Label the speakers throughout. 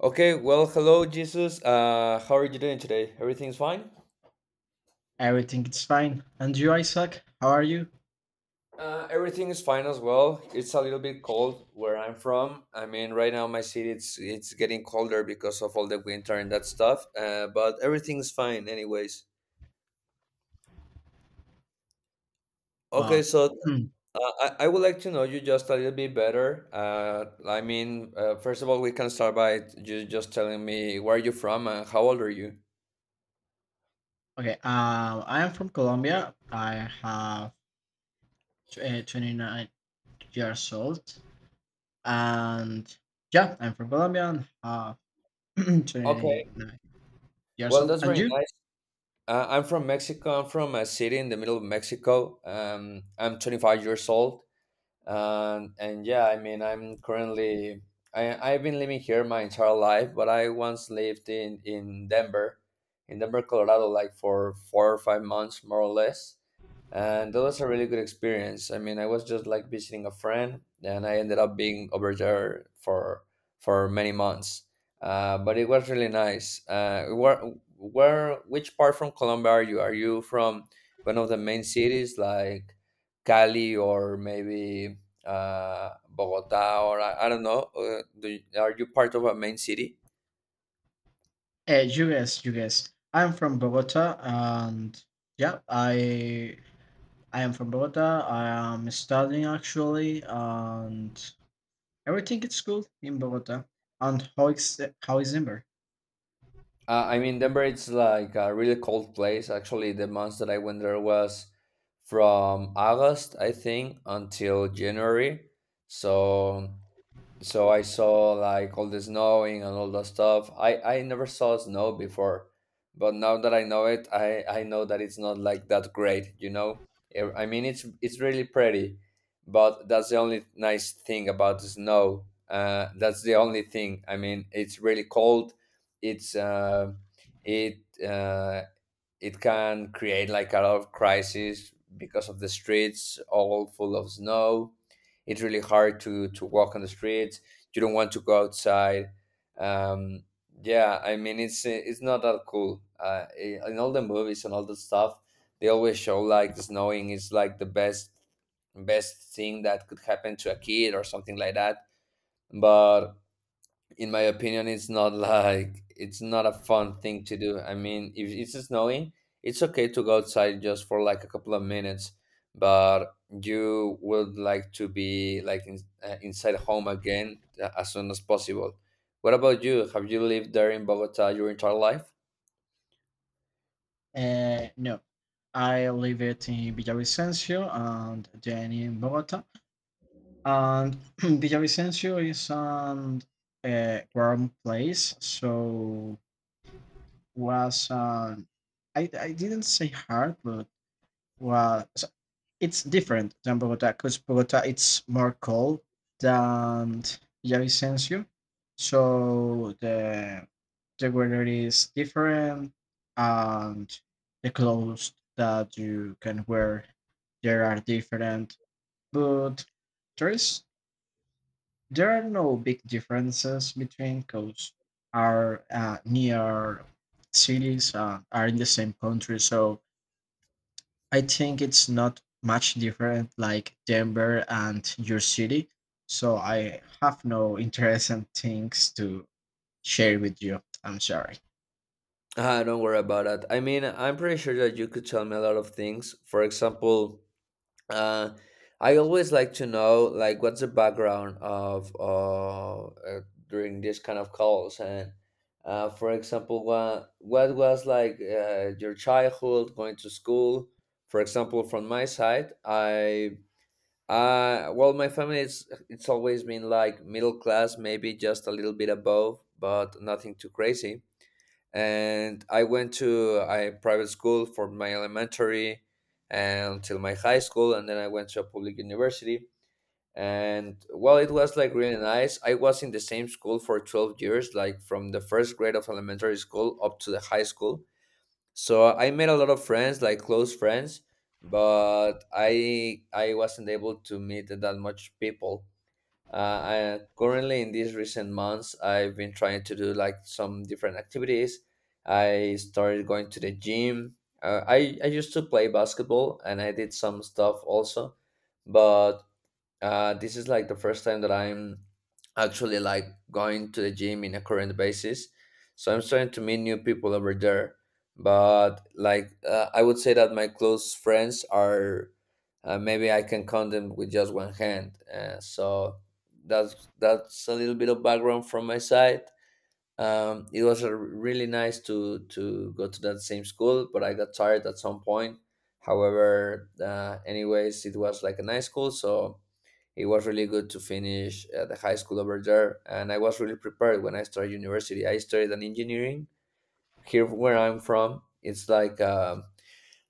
Speaker 1: Okay, well, hello, Jesus. How are you doing today? Everything's fine?
Speaker 2: Everything is fine. And you, Isaac? How are you?
Speaker 1: Everything is fine as well. It's a little bit cold where I'm from. I mean, right now my city it's getting colder because of all the winter and that stuff. But everything's fine, anyways. Okay,
Speaker 2: Wow.
Speaker 1: so
Speaker 2: Hmm.
Speaker 1: uh, I would like to know you just a little bit better. I mean, first of all, we can start by you just telling me where you're from and how old are you.
Speaker 2: Okay. I am from Colombia. I have 29 years old, and yeah, I'm from Colombia and have
Speaker 1: Okay,
Speaker 2: 29 years
Speaker 1: well,
Speaker 2: old.
Speaker 1: that's
Speaker 2: And
Speaker 1: very
Speaker 2: you?
Speaker 1: nice. I'm from Mexico. I'm from a city in the middle of Mexico. I'm 25 years old and yeah, I mean, I'm currently, I've been living here my entire life, but I once lived in Denver, in Denver, Colorado, like for 4 or 5 months, more or less. And that was a really good experience. I mean, I was just like visiting a friend and I ended up being over there for many months. But it was really nice. Uh, where which part from Colombia are you from? One of the main cities, like Cali, or maybe Bogota, or I don't know. Do are you part of a main city?
Speaker 2: You guess. You guess. I'm from Bogota, and yeah, I am from Bogota. I am studying actually, and everything is cool in Bogota. And how is Denver?
Speaker 1: I mean, Denver, it's like a really cold place. Actually, the months that I went there was from August, I think, until January. So so I saw like all the snowing and all that stuff. I never saw snow before, but now that I know it, I know that it's not like that great, you know. I mean, it's really pretty, but that's the only nice thing about the snow. That's the only thing. I mean, it's really cold. It's uh, it uh, it can create like a lot of crises because of the streets all full of snow. It's really hard to walk on the streets. You don't want to go outside. Um, yeah, I mean, it's not that cool. In all the movies and all the stuff, they always show like snowing is like the best thing that could happen to a kid or something like that. But in my opinion, it's not like, it's not a fun thing to do. I mean, if it's snowing, it's okay to go outside just for like a couple of minutes, but you would like to be like inside home again as soon as possible. What about you? Have you lived there in Bogota your entire life?
Speaker 2: No, I live it in Villavicencio and then in Bogota. And Villavicencio is an warm place, so was I didn't say hard, but was it's different than Bogota because Bogota it's more cold than Villavicencio, so the weather is different and the clothes that you can wear there are different, but there is there are no big differences between because are near cities are in the same country, so I think it's not much different like Denver and your city. So I have no interesting things to share with you. I'm sorry.
Speaker 1: Ah, don't worry about it. I mean, I'm pretty sure that you could tell me a lot of things. For example, uh, I always like to know like what's the background of during this kind of calls. And for example, what was like your childhood, going to school. For example, from my side, I well my family, it's always been like middle class, maybe just a little bit above, but nothing too crazy. And I went to a private school for my elementary until my high school, and then I went to a public university. And well, it was like really nice. I was in the same school for 12 years, like from the first grade of elementary school up to the high school. So I made a lot of friends, like close friends, but I wasn't able to meet that much people. I, currently, in these recent months, I've been trying to do like some different activities. I started going to the gym. I used to play basketball and I did some stuff also, but this is like the first time that I'm actually like going to the gym in a current basis. So I'm starting to meet new people over there. But like I would say that my close friends are maybe I can count them with just one hand. So that's a little bit of background from my side. It was a really nice to go to that same school, but I got tired at some point. However, anyways, it was like a nice school, so it was really good to finish the high school over there, and I was really prepared when I started university. I studied an engineering here where I'm from. It's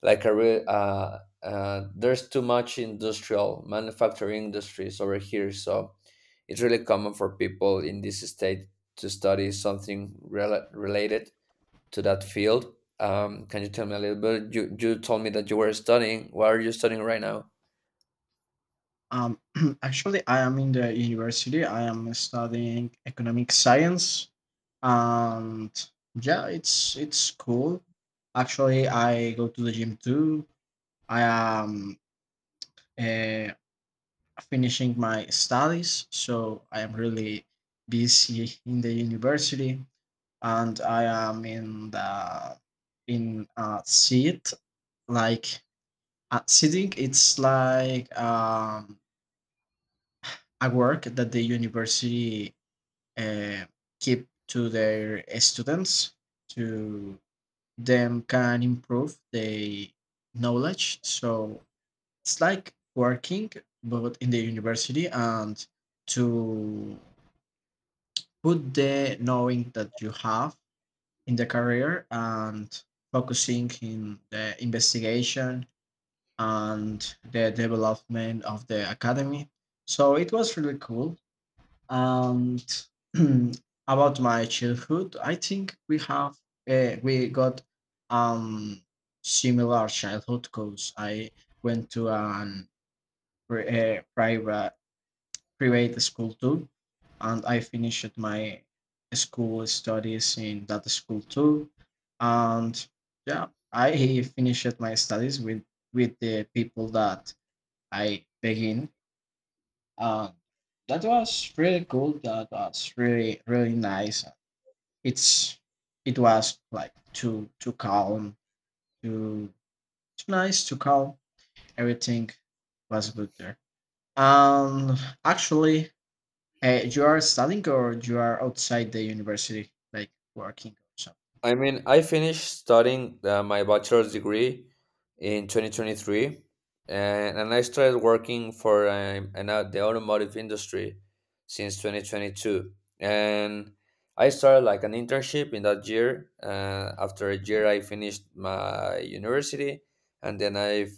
Speaker 1: like a real there's too much industrial manufacturing industries over here, so it's really common for people in this state to study something related to that field. Can you tell me a little bit? You told me that you were studying. What are you studying right now?
Speaker 2: Um, actually, I am in the university. I am studying economic science, and yeah, it's cool. Actually, I go to the gym too. I am. uh, Finishing my studies, so I am really busy in the university, and I am in the in a seat like sitting. It's like a work that the university uh, keep to their students to them can improve their knowledge. So it's like working, but in the university and to put the knowing that you have in the career and focusing in the investigation and the development of the academy. So it was really cool. And about my childhood, I think we have we got um similar childhood because I went to an private create a school too and I finished my school studies in that school too and yeah I finished my studies with the people that I begin and that was really cool. That was really really nice. It's it was like too calm, too too nice, too calm. Everything was good there. um Actually, you are studying or you are outside the university, like working or something.
Speaker 1: I mean, I finished studying my bachelor's degree in 2023, and I started working for the automotive industry since 2022. And I started like an internship in that year. After a year, I finished my university, and then I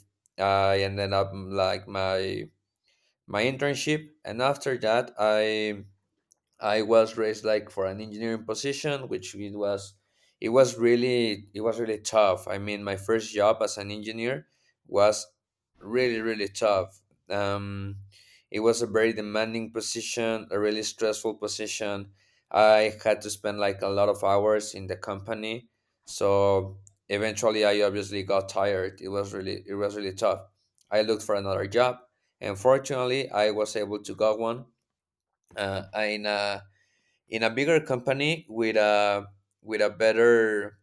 Speaker 1: I ended up like my internship. And after that, I was raised like for an engineering position, which it was really tough. I mean, my first job as an engineer was really tough. Um, it was a very demanding position, a really stressful position. I had to spend like a lot of hours in the company, so eventually I obviously got tired. It was really tough. I looked for another job, and fortunately, I was able to get one in a bigger company with a better,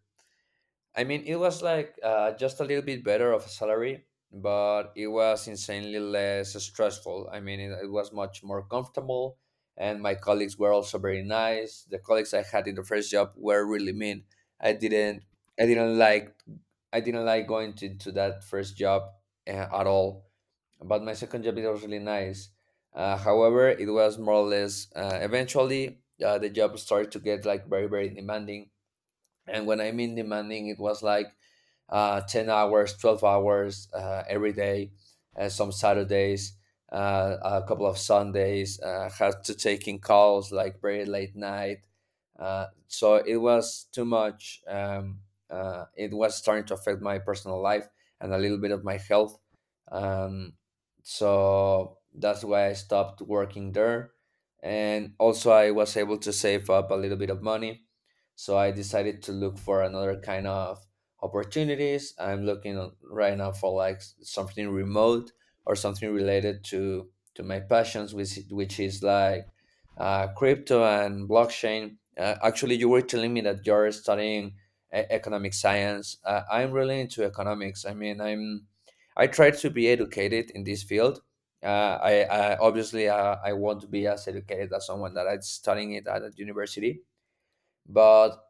Speaker 1: I mean, it was like just a little bit better of a salary, but it was insanely less stressful. I mean, it was much more comfortable, and my colleagues were also very nice. The colleagues I had in the first job were really mean. i didn't i didn't like I didn't like going to that first job at all. But my second job is really nice. However, it was more or less eventually the job started to get like very demanding, and when I mean demanding, it was like 10 hours, 12 hours every day, some Saturdays, a couple of Sundays, had to take in calls like very late night. So it was too much. It was starting to affect my personal life and a little bit of my health. Um, so that's why I stopped working there. And also, I was able to save up a little bit of money. So I decided to look for another kind of opportunities. I'm looking right now for like something remote, or something related to my passions, which is like crypto and blockchain. Actually, you were telling me that you're studying economic science. I'm really into economics. I mean, I'm I try to be educated in this field. I obviously I want to be as educated as someone that I'm studying it at a university, but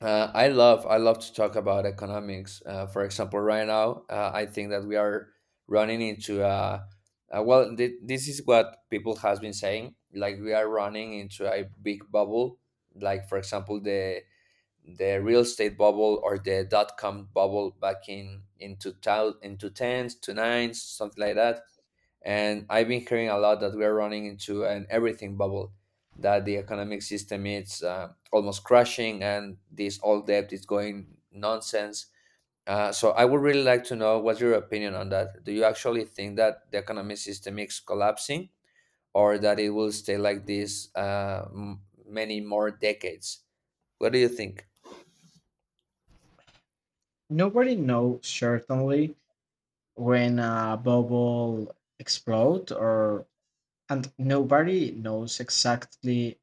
Speaker 1: I love to talk about economics. For example, right now I think that we are running into a well. This is what people has been saying. Like, we are running into a big bubble. Like for example, the real estate bubble or the dot-com bubble back in tal into tens to something like that. And I've been hearing a lot that we are running into an everything bubble, that the economic system is almost crashing, and this all debt is going nonsense. So I would really like to know what's your opinion on that. Do you actually think that the economic system is collapsing, or that it will stay like this many more decades? What do you think?
Speaker 2: Nobody knows certainly when a bubble explodes, or and nobody knows exactly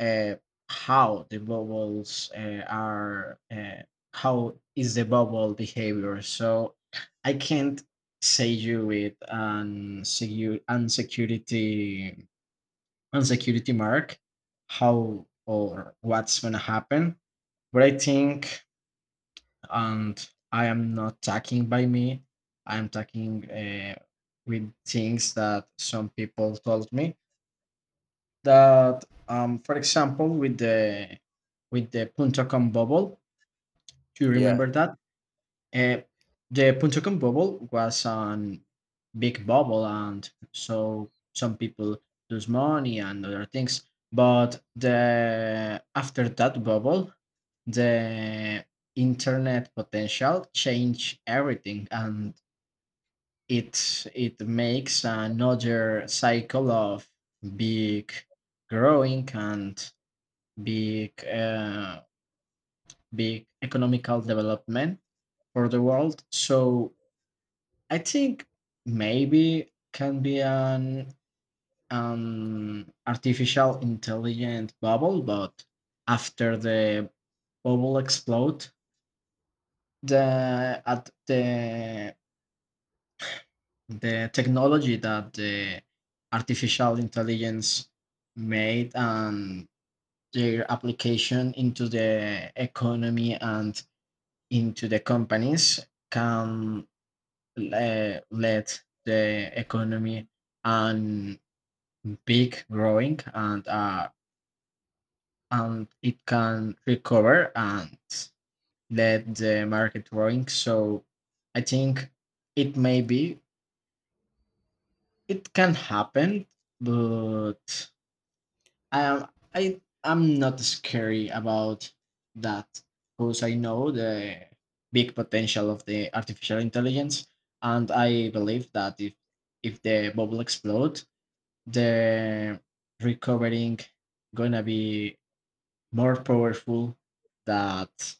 Speaker 2: uh, how the bubbles are. How is the bubble behavior? So I can't say you with an security on security mark how or what's gonna happen, but I think, and I am not talking by me, I'm talking with things that some people told me that for example with the punto com bubble. Do you remember
Speaker 1: Yeah.
Speaker 2: that? Uh, the Punta Cana bubble was an big bubble, and so some people lose money and other things. But the after that bubble, the internet potential changed everything, and it makes another cycle of big growing and big uh, big economical development for the world. So I think maybe can be an artificial intelligent bubble, but after the bubble explode, the at the technology that the artificial intelligence made and their application into the economy and into the companies can let the economy and big growing and it can recover and let the market growing. So I think it may be it can happen, but I am, I'm not scary about that because I know the big potential of the artificial intelligence, and I believe that if the bubble explodes, the recovering gonna be more powerful that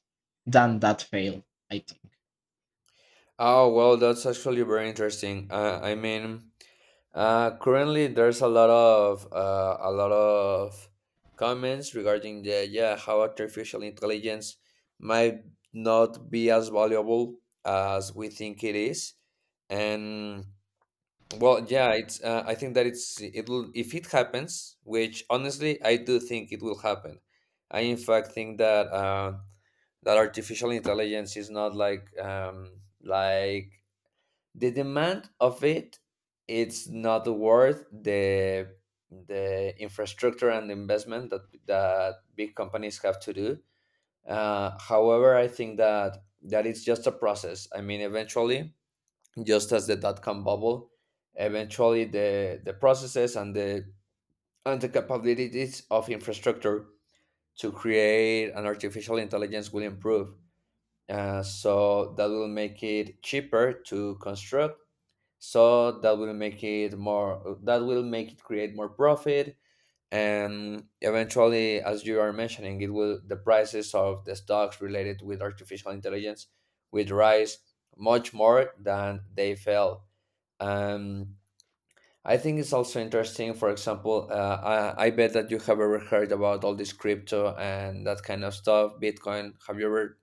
Speaker 2: than that fail, I think.
Speaker 1: Oh, well, that's actually very interesting. I mean, currently there's a lot of comments regarding the yeah how artificial intelligence might not be as valuable as we think it is, and well, yeah, it's I think that it will, if it happens, which honestly I do think it will happen. I in fact think that that artificial intelligence is not like like the demand of it's not worth the infrastructure and investment that big companies have to do. However, I think that it's just a process. I mean, eventually, just as the dot-com bubble, eventually the processes and the capabilities of infrastructure to create an artificial intelligence will improve. So that will make it cheaper to construct, so that will make it more, that will make it create more profit. And eventually, as you are mentioning, it will, the prices of the stocks related with artificial intelligence will rise much more than they fell. um, I think it's also interesting. For example, I bet that you have ever heard about all this crypto and that kind of stuff, bitcoin. Have you ever,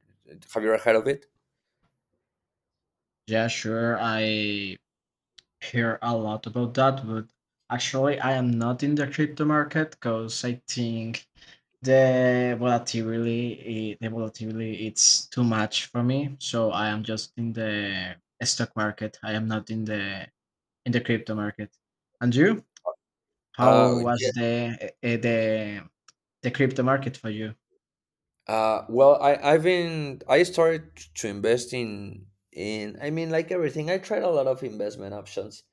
Speaker 1: heard of it?
Speaker 2: Yeah, sure, I hear a lot about that, but actually I am not in the crypto market because I think the volatility it's too much for me. So I am just in the stock market. I am not in the in the crypto market. And you? How
Speaker 1: uh,
Speaker 2: was the crypto market for you?
Speaker 1: Well, I I've been I started to invest in I mean, like, everything. I tried a lot of investment options.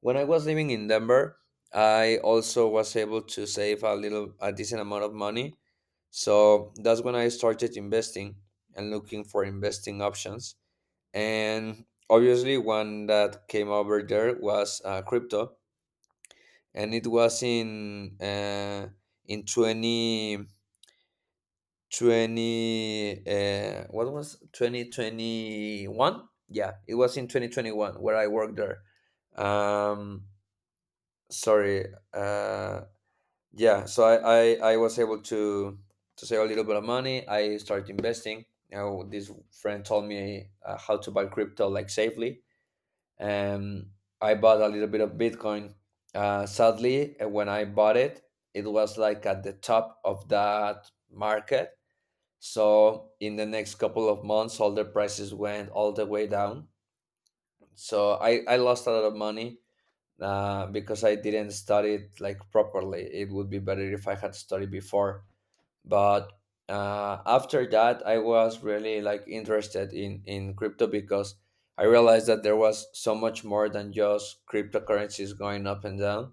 Speaker 1: When I was living in Denver, I also was able to save a decent amount of money. So that's when I started investing and looking for investing options. And obviously, one that came over there was crypto, and it was in twenty. 20 what was 2021 yeah it was in 2021 where I worked there. Um sorry uh yeah, so I was able to save a little bit of money. I started investing. You know, this friend told me how to buy crypto, like, safely. um I bought a little bit of bitcoin. Sadly, when I bought it, it was like at the top of that market. So in the next couple of months, all the prices went all the way down. So I lost a lot of money, because I didn't study it, like, properly. It would be better if I had studied before. But after that, I was really, like, interested in crypto because I realized that there was so much more than just cryptocurrencies going up and down.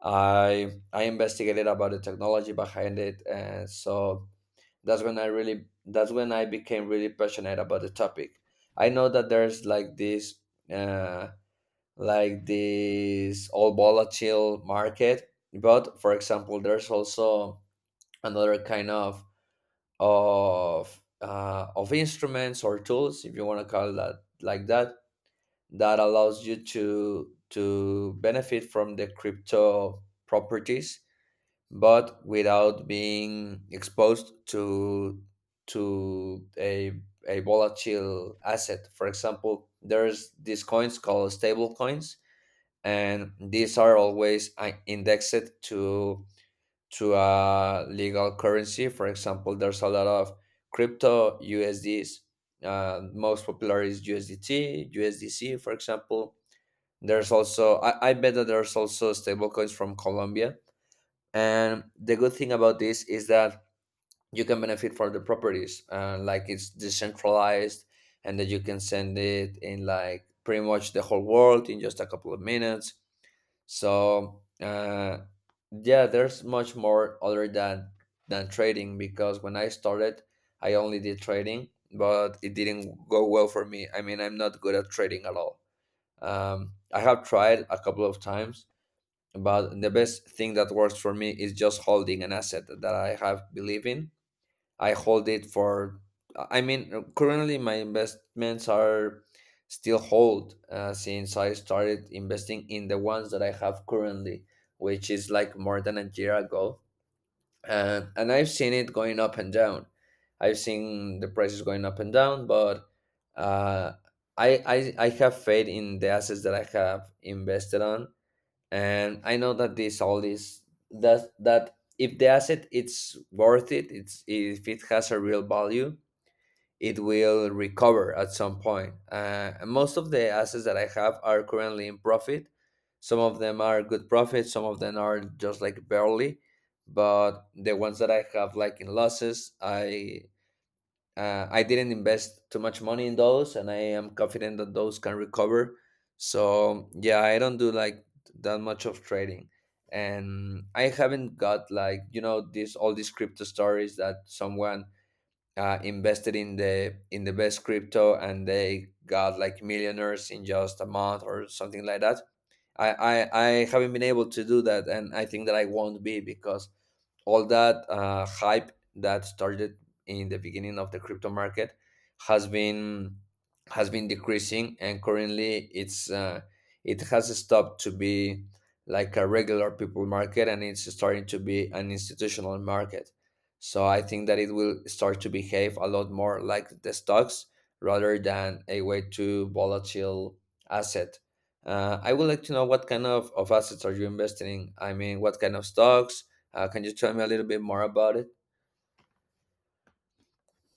Speaker 1: I investigated about the technology behind it, and so that's when I became really passionate about the topic. I know that there's, like, this uh like this all volatile market, but for example, there's also another kind of of instruments or tools, if you want to call that like that, that allows you to benefit from the crypto properties but without being exposed to a volatile asset. For example, there's these coins called stable coins, and these are always indexed to a legal currency. For example, there's a lot of crypto USDs. Most popular is USDT, USDC, for example. There's also I bet that there's also stable coins from Colombia. And the good thing about this is that you can benefit from the properties, like it's decentralized and that you can send it in, like, pretty much the whole world in just a couple of minutes. So yeah, there's much more other than trading. Because when I started, I only did trading, but it didn't go well for me. I mean, I'm not good at trading at all. I have tried a couple of times, but the best thing that works for me is just holding an asset that I have believe in. I hold it for, I mean, currently my investments are still hold since I started investing in the ones that I have currently, which is like more than a year ago. And I've seen it going up and down. I've seen the prices going up and down, but uh, I have faith in the assets that I have invested on. And I know that this all is that if the asset, it's worth it, it's, if it has a real value, it will recover at some point. And most of the assets that I have are currently in profit. Some of them are good profits, some of them are just, like, barely. But the ones that I have, like, in losses, I didn't invest too much money in those, and I am confident that those can recover. So yeah, I don't do, like, that much of trading, and I haven't got, like, you know, this all, these crypto stories that someone invested in the best crypto and they got, like, millionaires in just a month or something like that. I haven't been able to do that, and I think that I won't be, because all that hype that started in the beginning of the crypto market has been, decreasing, and currently it's, it has stopped to be like a regular people market, and it's starting to be an institutional market. So I think that it will start to behave a lot more like the stocks rather than a way too volatile asset. I would like to know what kind of, assets are you investing in. I mean, what kind of stocks? Can you tell me a little bit more about it?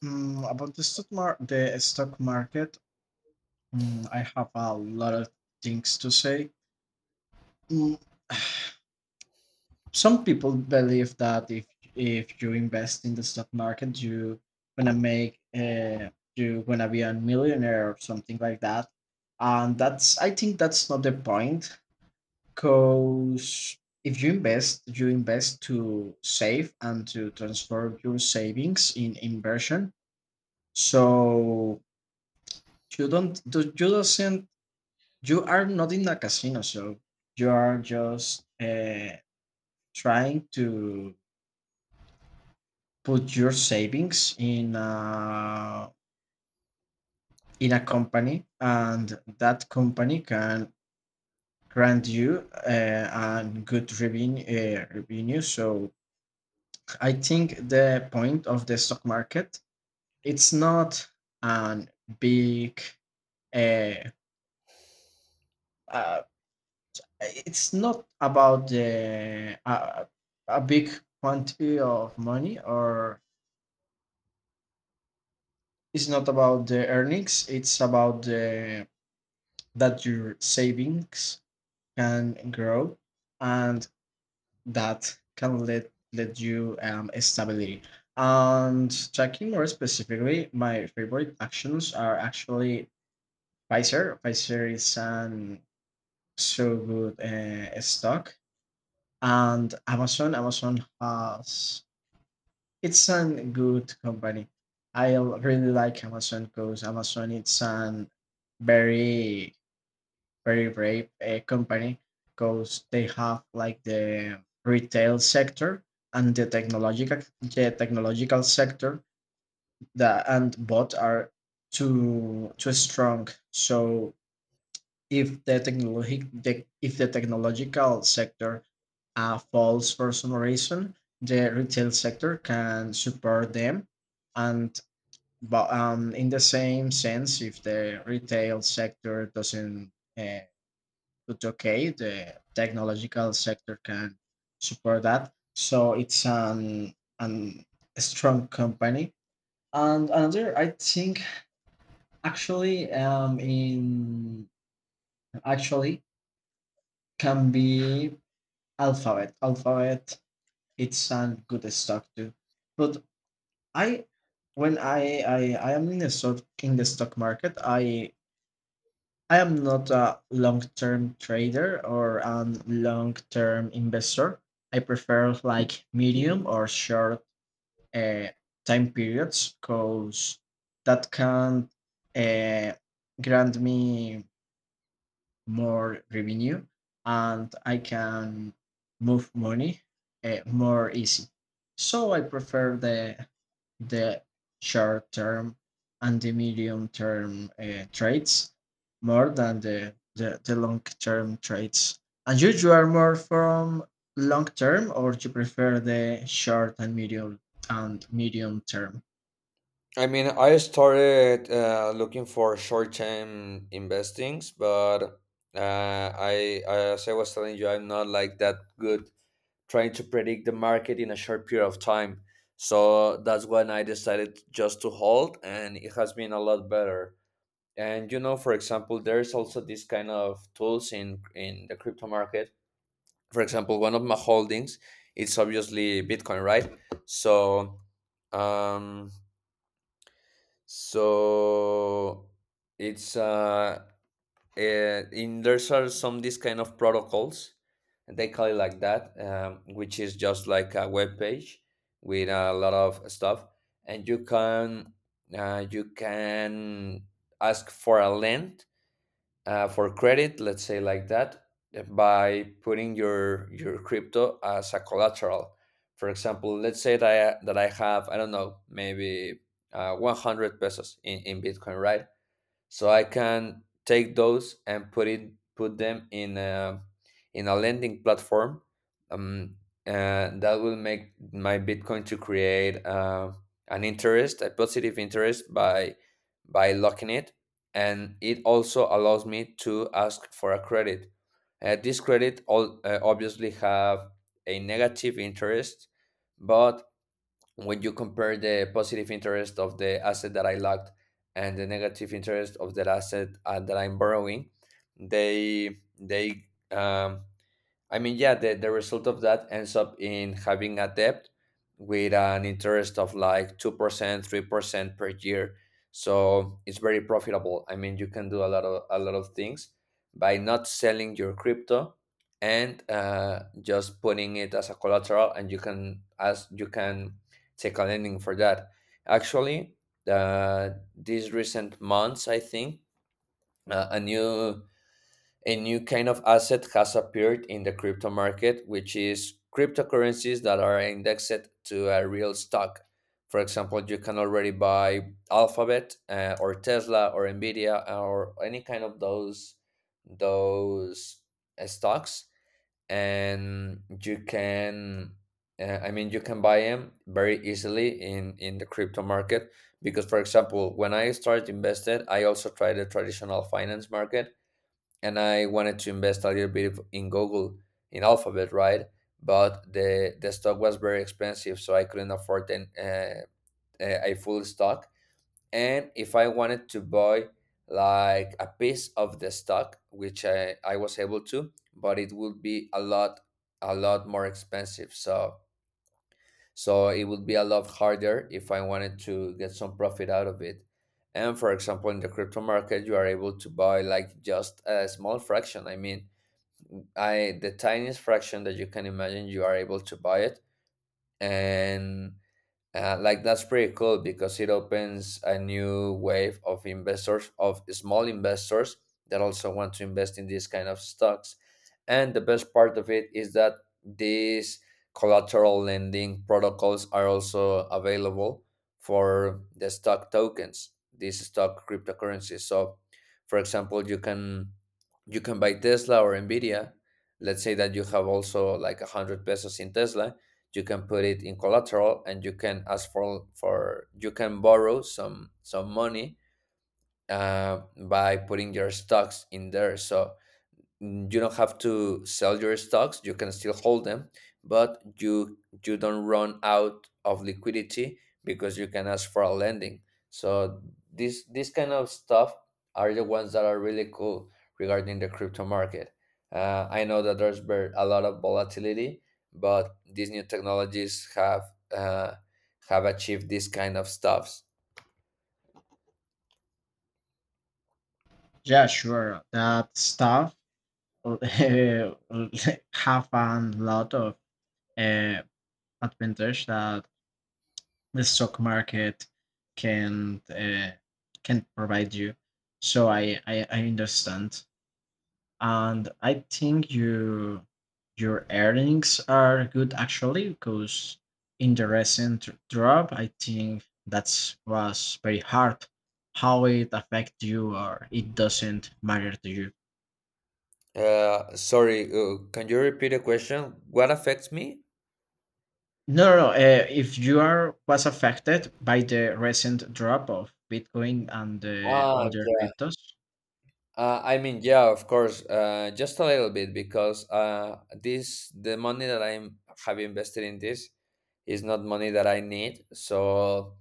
Speaker 2: Mm, about the stock market, mm, I have a lot of things to say. Mm, some people believe that if you invest in the stock market, you gonna make you gonna be a millionaire or something like that, and that's I think that's not the point. Cause if you invest, you invest to save and to transfer your savings in inversion. So you don't do- you doesn't you are not in a casino, so you are just trying to put your savings in a company, and that company can grant you a good revenue. So I think the point of the stock market it's not an big uh, uh, it's not about the a big quantity of money, or it's not about the earnings. It's about the that your savings can grow, and that can let you stability. And tracking more specifically, my favorite actions are actually Pfizer. Pfizer is an so good stock, and Amazon. Amazon has it's an good company. Really like Amazon because Amazon it's an very very brave company because they have like the retail sector and the technological sector, that and both are too too strong. So if if the technological sector falls for some reason, the retail sector can support them. And but in the same sense, if the retail sector doesn't do okay, the technological sector can support that. So it's an a strong company. And another, I think, actually, in actually can be Alphabet, Alphabet, it sounds good stock too. But I, I am in the stock market, I am not a long term trader or a long term investor. I prefer like medium or short uh, time periods because that can uh, grant me more revenue, and I can move money more easy. So I prefer the short term and the medium term trades more than the long term trades. And you are more from long term, or you prefer the short and medium term?
Speaker 1: I mean, I started looking for short-term investings, but as I was telling you, I'm not, like, that good trying to predict the market in a short period of time. So that's when I decided just to hold, and it has been a lot better. And you know, for example, there's also this kind of tools in the crypto market. For example, one of my holdings, it's obviously Bitcoin, right? So. Um, So it's eh, in there's are some this kind of protocols, and they call it like that, which is just like a web page with a lot of stuff, and you can ask for a length, for credit, let's say, like that, by putting your crypto as a collateral. For example, let's say that that I have, I don't know, maybe 100 pesos in, Bitcoin, right? So I can take those and put them in a lending platform. Um, and that will make my Bitcoin to create an interest, a positive interest, by locking it, and it also allows me to ask for a credit. This credit all obviously have a negative interest, but when you compare the positive interest of the asset that I locked and the negative interest of that asset, that I'm borrowing, they um, I mean, yeah, the, result of that ends up in having a debt with an interest of like 2%, 3% per year. So it's very profitable. I mean, you can do a lot of, things by not selling your crypto and just putting it as a collateral, and you can as you can take a lending for that. Actually, uh, these recent months, I think, uh, a new a new kind of asset has appeared in the crypto market, which is cryptocurrencies that are indexed to a real stock. For example, you can already buy Alphabet or Tesla or Nvidia or any kind of those, those stocks, and you can. I mean, you can buy them very easily in, the crypto market. Because, for example, when I started invested, I also tried the traditional finance market, and I wanted to invest a little bit in Google, in Alphabet, right? But the stock was very expensive, so I couldn't afford an, a full stock. And if I wanted to buy, like, a piece of the stock, which I was able to, but it would be a lot, more expensive. So it would be a lot harder if I wanted to get some profit out of it. And for example, in the crypto market, you are able to buy, like, just a small fraction. I mean, I the tiniest fraction that you can imagine, you are able to buy it, and like, that's pretty cool, because it opens a new wave of investors, of small investors that also want to invest in these kind of stocks. And the best part of it is that these collateral lending protocols are also available for the stock tokens, these stock cryptocurrencies. So, for example, you can, buy Tesla or Nvidia. Let's say that you have also, like, a hundred pesos in Tesla. You can put it in collateral, and you can ask for, you can borrow some, money, uh, by putting your stocks in there. So you don't have to sell your stocks, you can still hold them. But you, don't run out of liquidity because you can ask for a lending. So this, kind of stuff are the ones that are really cool regarding the crypto market. I know that there's been a lot of volatility, but these new technologies uh, have achieved this kind of stuffs.
Speaker 2: Yeah, sure. That stuff have a lot of uh, advantage that the stock market can uh, can provide you. So I, I understand, and I think you your earnings are good actually because in the recent drop, I think that's was very hard. How it affect you, or it doesn't matter to you?
Speaker 1: Sorry, can you repeat the question? What affects me?
Speaker 2: No, no, no. If you are was affected by the recent drop of Bitcoin and the
Speaker 1: Ah,
Speaker 2: other
Speaker 1: yeah.
Speaker 2: cryptos,
Speaker 1: I mean, yeah, of course, just a little bit. Because this, the money that I am have invested in this, is not money that I need. So,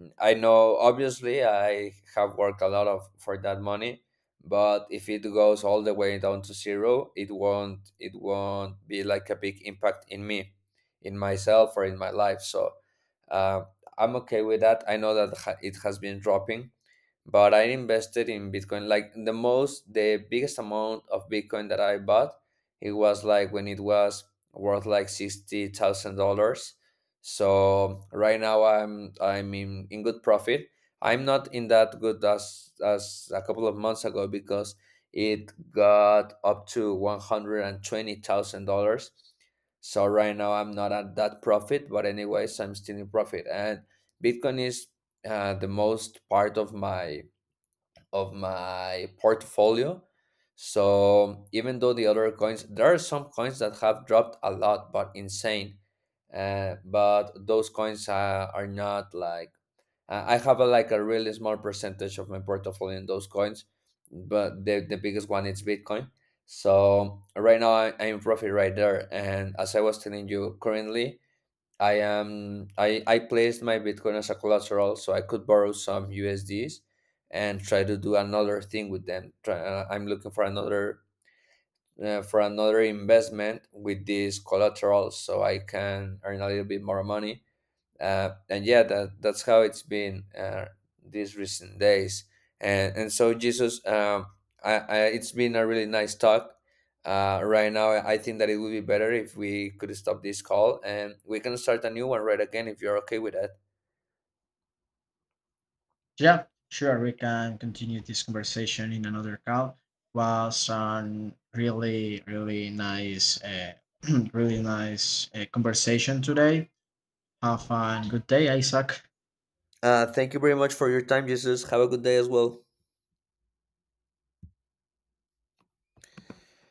Speaker 1: mm, I know obviously I have worked a lot of for that money, but if it goes all the way down to zero, it won't be like a big impact in me, in myself or in my life. So uh, I'm okay with that. I know that it has been dropping, but I invested in Bitcoin. Like, the most, the biggest amount of Bitcoin that I bought, it was like when it was worth like $60,000. So right now I'm in good profit. I'm not in that good as a couple of months ago, because it got up to $120,000. So right now I'm not at that profit, but anyways, I'm still in profit. And Bitcoin is the most part of my, portfolio. So even though the other coins, there are some coins that have dropped a lot, but insane. But those coins, are not like, I have a, like, a really small percentage of my portfolio in those coins, but the biggest one is Bitcoin. So right now I'm in profit right there. And as I was telling you, currently I placed my Bitcoin as a collateral so I could borrow some USDs and try to do another thing with them. Try, I'm looking for another, for another investment with these collaterals so I can earn a little bit more money. And yeah, that's how it's been, these recent days. And So, Jesus, it's been a really nice talk. Right now, I think that it would be better if we could stop this call and we can start a new one right again, if you're okay with that.
Speaker 2: yeah, sure, we can continue this conversation in another call. Was a really, really nice, really nice conversation today. Have a good day, Isaac.
Speaker 1: Thank you very much for your time, Jesus. Have a good day as well.